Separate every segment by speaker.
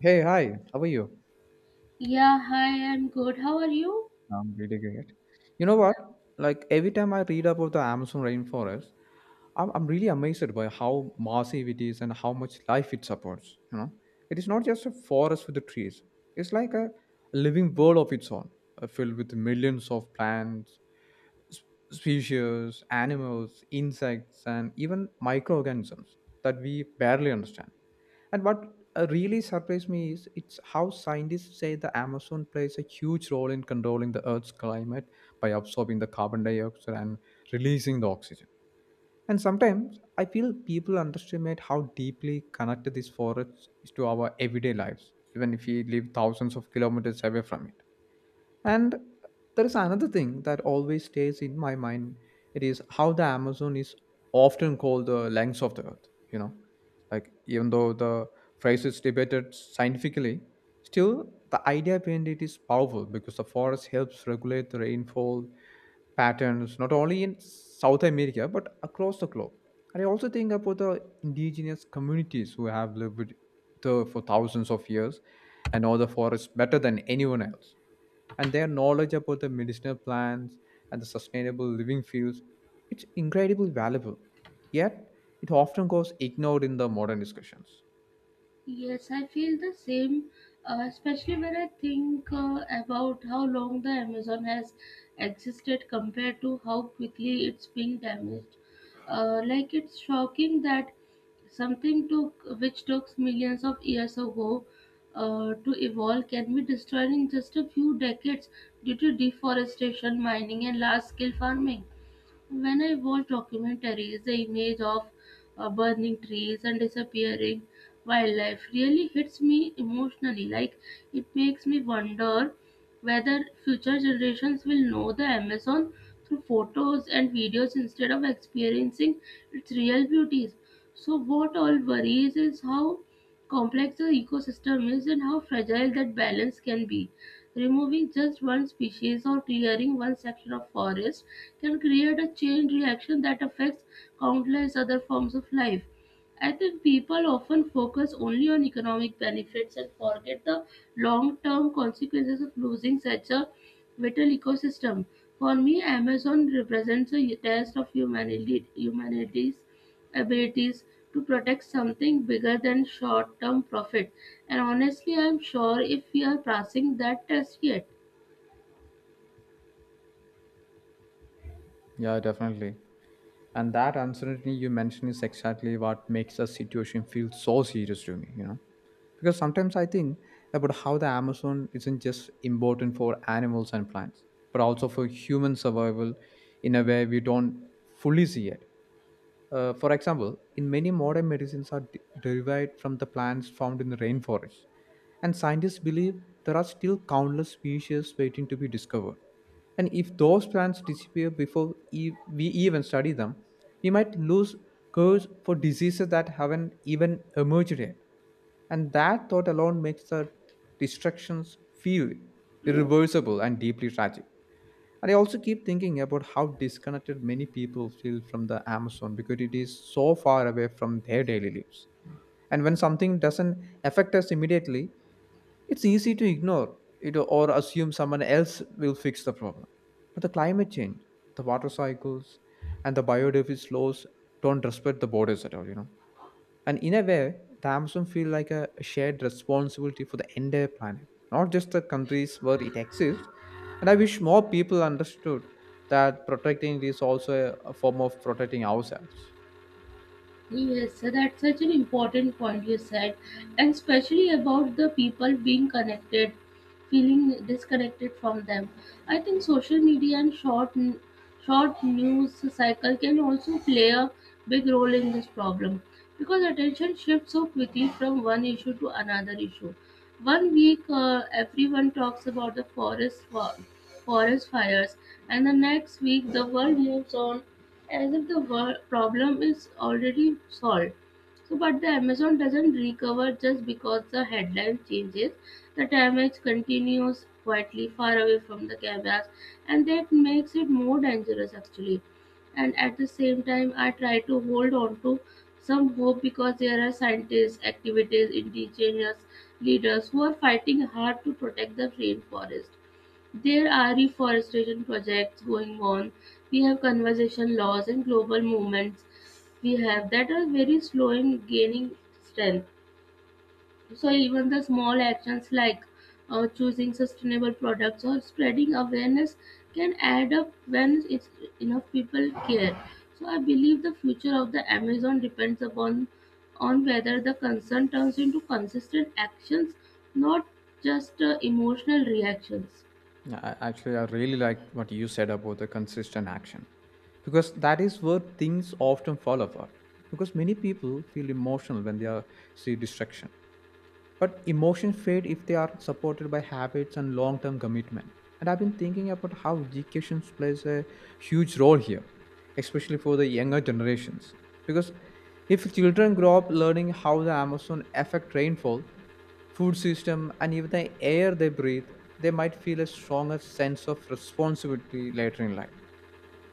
Speaker 1: Hey, hi, how are you?
Speaker 2: Yeah, hi, I'm good. How are you?
Speaker 1: I'm really great. You know what?
Speaker 2: Yeah.
Speaker 1: Like every time I read about the Amazon rainforest, I'm really amazed by how massive it is and how much life it supports. You know, it is not just a forest with the trees, it's like a living world of its own, filled with millions of plants, s- species, animals, insects, and even microorganisms that we barely understand. And what really surprised me is it's how scientists say the Amazon plays a huge role in controlling the Earth's climate by absorbing the carbon dioxide and releasing the oxygen. And sometimes I feel people underestimate how deeply connected these forests is to our everyday lives, even if we live thousands of kilometers away from it. And there is another thing that always stays in my mind. It is how the Amazon is often called the lungs of the earth. Like even though the phrase is debated scientifically, still the idea behind it is powerful because the forest helps regulate the rainfall patterns not only in South America but across the globe. And I also think about the indigenous communities who have lived there for thousands of years and know the forest better than anyone else, and their knowledge about the medicinal plants and the sustainable living fields, it's incredibly valuable, yet it often goes ignored in the modern discussions.
Speaker 2: Yes, I feel the same, especially when I think about how long the Amazon has existed compared to how quickly it's being damaged. It's shocking that something took which took millions of years ago to evolve can be destroyed in just a few decades due to deforestation, mining, and large scale farming. When I watch documentaries, the image of burning trees and disappearing wildlife really hits me emotionally. Like it makes me wonder whether future generations will know the Amazon through photos and videos instead of experiencing its real beauties. So, what all worries is how complex the ecosystem is and how fragile that balance can be. Removing just one species or clearing one section of forest can create a chain reaction that affects countless other forms of life. I think people often focus only on economic benefits and forget the long term consequences of losing such a vital ecosystem. For me, Amazon represents a test of humanity's abilities to protect something bigger than short term profit. And honestly, I'm sure if we are passing that test yet.
Speaker 1: Yeah, definitely. And that uncertainty you mentioned is exactly what makes the situation feel so serious to me, you know, because sometimes I think about how the Amazon isn't just important for animals and plants, but also for human survival in a way we don't fully see it. For example, in many modern medicines are derived from the plants found in the rainforest, and scientists believe there are still countless species waiting to be discovered. And if those plants disappear before we even study them, we might lose cures for diseases that haven't even emerged yet. And that thought alone makes the destructions feel irreversible and deeply tragic. And I also keep thinking about how disconnected many people feel from the Amazon because it is so far away from their daily lives. And when something doesn't affect us immediately, it's easy to ignore it or assume someone else will fix the problem. But the climate change, the water cycles, and the biodiversity loss don't respect the borders at all, you know. And in a way, the Amazon feel like a shared responsibility for the entire planet, not just the countries where it exists. And I wish more people understood that protecting it is also a form of protecting ourselves.
Speaker 2: Yes, so that's such an important point you said, and especially about the people being connected, feeling disconnected from them. I think social media and short news cycle can also play a big role in this problem because attention shifts so quickly from one issue to another issue. 1 week, everyone talks about the forest, forest fires, and the next week, the world moves on as if the problem is already solved. So, but the Amazon doesn't recover just because the headline changes. The damage continues quietly far away from the cameras, and that makes it more dangerous actually. And at the same time, I try to hold on to some hope because there are scientists, activities, indigenous leaders who are fighting hard to protect the rainforest. There are reforestation projects going on, we have conservation laws and global movements we have that are very slow in gaining strength. So even the small actions like choosing sustainable products or spreading awareness can add up when it's enough people care. So I believe the future of the Amazon depends upon on whether the concern turns into consistent actions, not just emotional reactions.
Speaker 1: Yeah, I- actually, I really liked what you said about the consistent action because that is where things often fall apart. Because many people feel emotional when they are, see destruction, but emotions fade if they are supported by habits and long term commitment. And I've been thinking about how education plays a huge role here, especially for the younger generations. Because if children grow up learning how the Amazon affect rainfall, food system, and even the air they breathe, they might feel a stronger sense of responsibility later in life.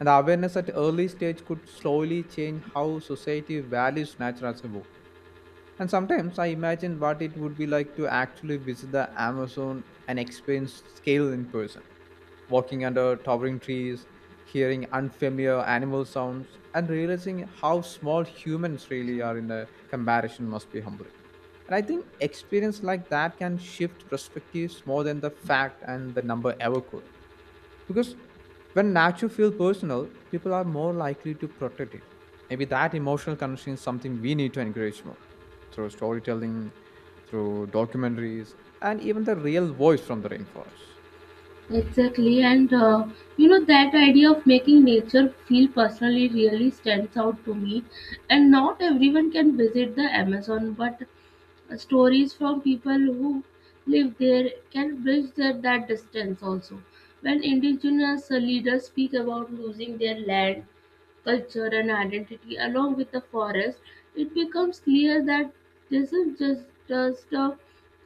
Speaker 1: And the awareness at early stage could slowly change how society values nature as a whole. And sometimes I imagine what it would be like to actually visit the Amazon and experience scale in person, walking under towering trees, hearing unfamiliar animal sounds, and realizing how small humans really are in the comparison must be humbling. And I think experience like that can shift perspectives more than the fact and the number ever could, because when nature feels personal, people are more likely to protect it. Maybe that emotional connection is something we need to encourage more, through storytelling, through documentaries, and even the real voice from the rainforest.
Speaker 2: Exactly, and you know that idea of making nature feel personally really stands out to me. And not everyone can visit the Amazon, but stories from people who live there can bridge that distance also. When indigenous leaders speak about losing their land culture and identity along with the forest, it becomes clear that this is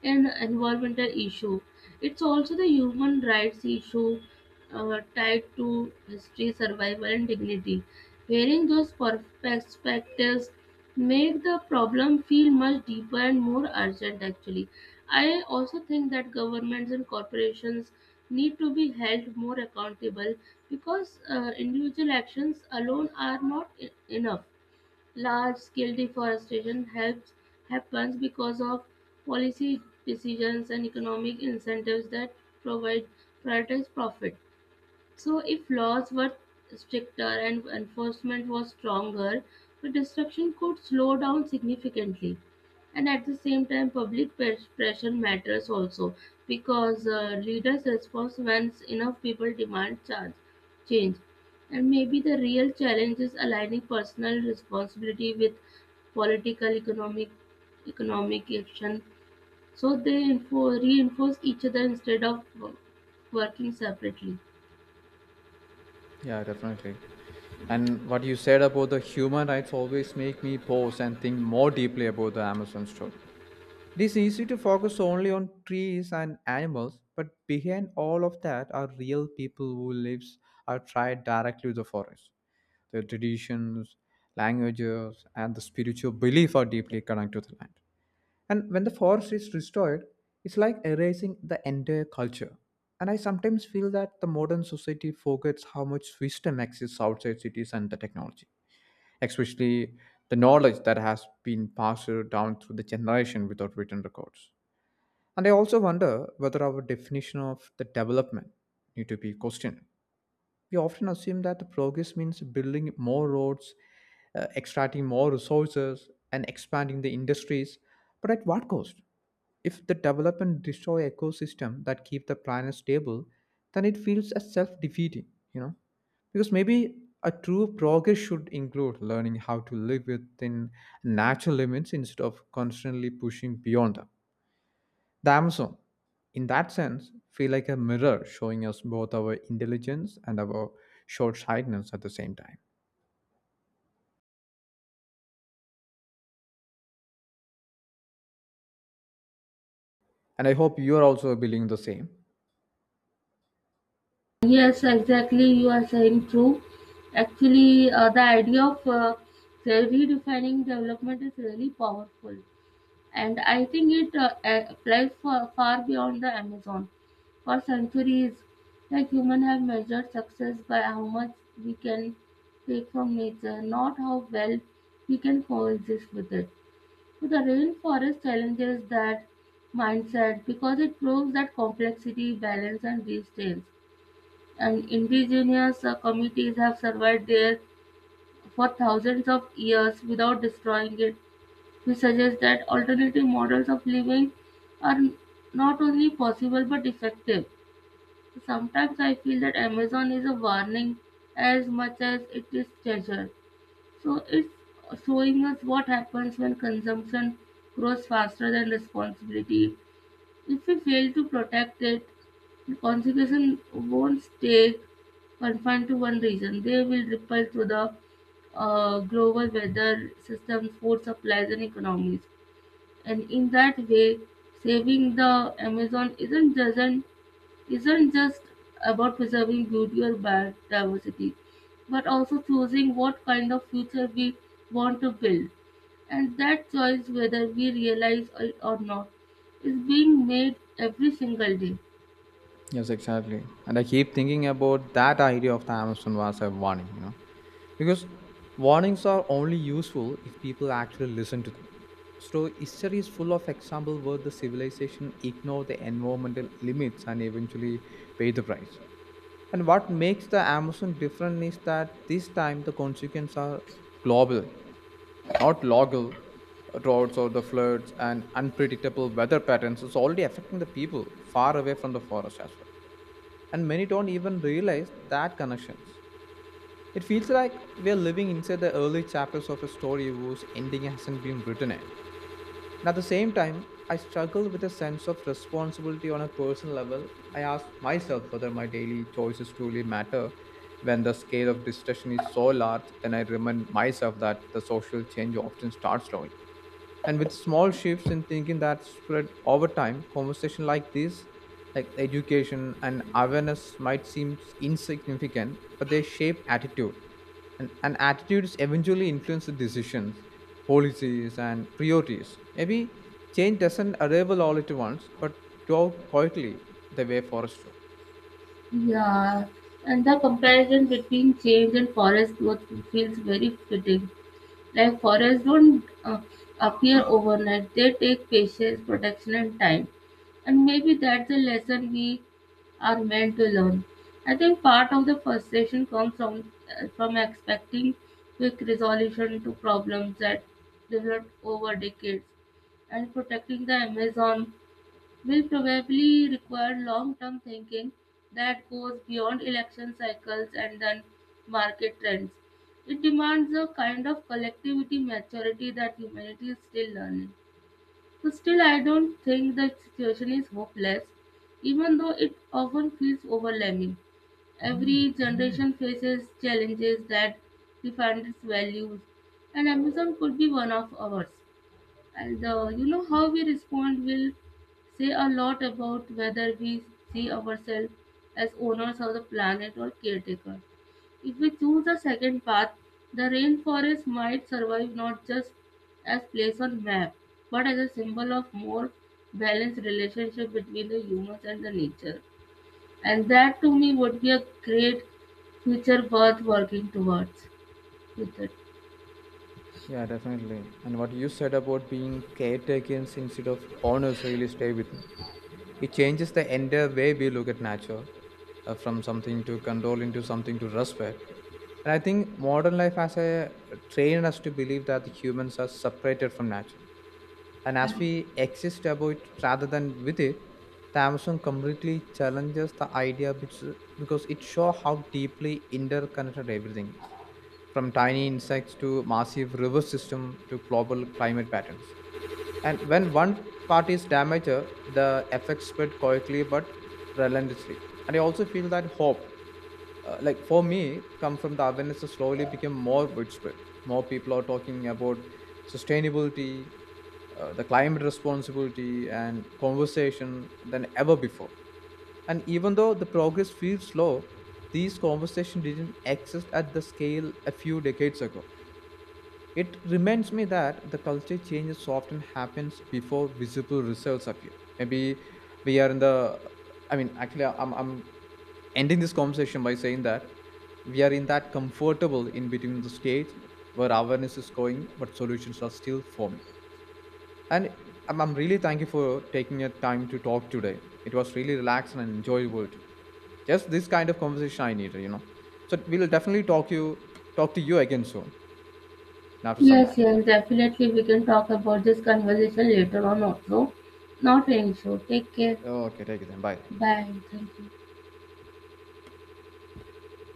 Speaker 2: an environmental issue. It's also the human rights issue tied to history, survival, and dignity. Hearing those perspectives make the problem feel much deeper and more urgent actually. I also think that governments and corporations need to be held more accountable because individual actions alone are not enough, large scale deforestation helps happens because of policy decisions and economic incentives that provide prioritize profit. So, if laws were stricter and enforcement was stronger, the destruction could slow down significantly. And at the same time, public pressure matters also because leaders respond when enough people demand change. And maybe the real challenge is aligning personal responsibility with political, economic action, so they reinforce each other instead of working separately.
Speaker 1: Yeah, definitely. And what you said about the human rights always make me pause and think more deeply about the Amazon story. It is easy to focus only on trees and animals, but behind all of that are real people who lives or tried directly with the forest. The traditions, languages, and the spiritual belief are deeply connected to the land. And when the forest is restored, it's like erasing the entire culture. And I sometimes feel that the modern society forgets how much wisdom exists outside cities and the technology, especially the knowledge that has been passed down through the generation without written records. And I also wonder whether our definition of the development need to be questioned. We often assume that the progress means building more roads, extracting more resources, and expanding the industries, but at what cost? If the development destroy ecosystem that keep the planet stable, then it feels as self-defeating, you know? Because maybe a true progress should include learning how to live within natural limits instead of constantly pushing beyond them. The Amazon, in that sense, feel like a mirror showing us both our intelligence and our short-sightedness at the same time. And I hope you are also believing the same.
Speaker 2: Yes, exactly. You are saying true. Actually, the idea of redefining development is really powerful, and I think it applies far beyond the Amazon. For centuries, like humans have measured success by how much we can take from nature, not how well we can coexist with it. So the rainforest challenges that mindset because it proves that complexity, balance, and restraints and indigenous communities have survived there for thousands of years without destroying it, which suggests that alternative models of living are not only possible but effective. Sometimes I feel that Amazon is a warning as much as it is treasure. So it's showing us what happens when consumption grows faster than responsibility. If we fail to protect it, consequences won't stay confined to one region. They will ripple through the global weather systems, food supplies, and economies. And in that way, saving the Amazon isn't doesn't isn't just about preserving beauty or biodiversity, but also choosing what kind of future we want to build. And that choice, whether we realize it or not, is being made every single day.
Speaker 1: Yes, exactly. And I keep thinking about that idea of the Amazon was a warning, you know, because warnings are only useful if people actually listen to them. So history is full of examples where the civilization ignored the environmental limits and eventually paid the price. And what makes the Amazon different is that this time the consequences are global, not local. Droughts or the floods and unpredictable weather patterns is already affecting the people far away from the forest as well. And many don't even realize that connections. It feels like we're living inside the early chapters of a story whose ending hasn't been written yet. And at the same time, I struggle with a sense of responsibility on a personal level. I ask myself whether my daily choices truly matter. When the scale of discussion is so large, then I remind myself that the social change often starts slowly and with small shifts in thinking that spread over time. Conversation like this, like education and awareness, might seem insignificant, but they shape attitude, and attitudes eventually influence the decisions, policies and priorities. Maybe change doesn't arrive all at once, but grow quietly the way forest do.
Speaker 2: Yeah, and the comparison between change and forest growth feels very fitting. Like forests don't appear overnight; they take patience, protection, and time. And maybe that's the lesson we are meant to learn. I think part of the frustration comes from expecting quick resolution to problems that developed over decades, and protecting the Amazon will probably require long term thinking that goes beyond election cycles and then market trends. It demands a kind of collectivity maturity that humanity is still learning. So, still, I don't think the situation is hopeless, even though it often feels overwhelming. Every generation faces challenges that define its values, and Amazon could be one of ours. And you know how we respond will say a lot about whether we see ourselves as owners of the planet or caretaker. If we choose the second path, the rainforest might survive not just as place on map, but as a symbol of more balanced relationship between the humans and the nature. And that to me would be a great future worth working towards. Future
Speaker 1: Yeah, definitely. And what you said about being caretakers instead of owners really stay with me. It changes the entire way we look at nature, from something to control into something to respect. And I think modern life has a trained us to believe that the humans are separated from nature. And as we exist above it rather than with it, the Amazon completely challenges the idea because it shows how deeply interconnected everything is, from tiny insects to massive river system to global climate patterns. And when one part is damaged, the effects spread quietly but relentlessly. And I also feel that hope, like for me, come from the awareness that slowly became more widespread. More people are talking about sustainability, the climate responsibility, and conversation than ever before. And even though the progress feels slow, these conversations didn't exist at the scale a few decades ago. It reminds me that the culture changes often happens before visible results appear. Maybe we are in the, I mean, Actually, I'm ending this conversation by saying that we are in that comfortable in between the stage where awareness is growing, but solutions are still forming. And I'm really thank you for taking your time to talk today. It was really relaxed and enjoyable too. Just this kind of conversation I needed, you know. So we'll definitely talk to you again soon after some time.
Speaker 2: Yes, yes, definitely we can talk about this conversation later on also. Not an issue. Take care.
Speaker 1: Okay, take it then. Bye.
Speaker 2: Bye. Thank you.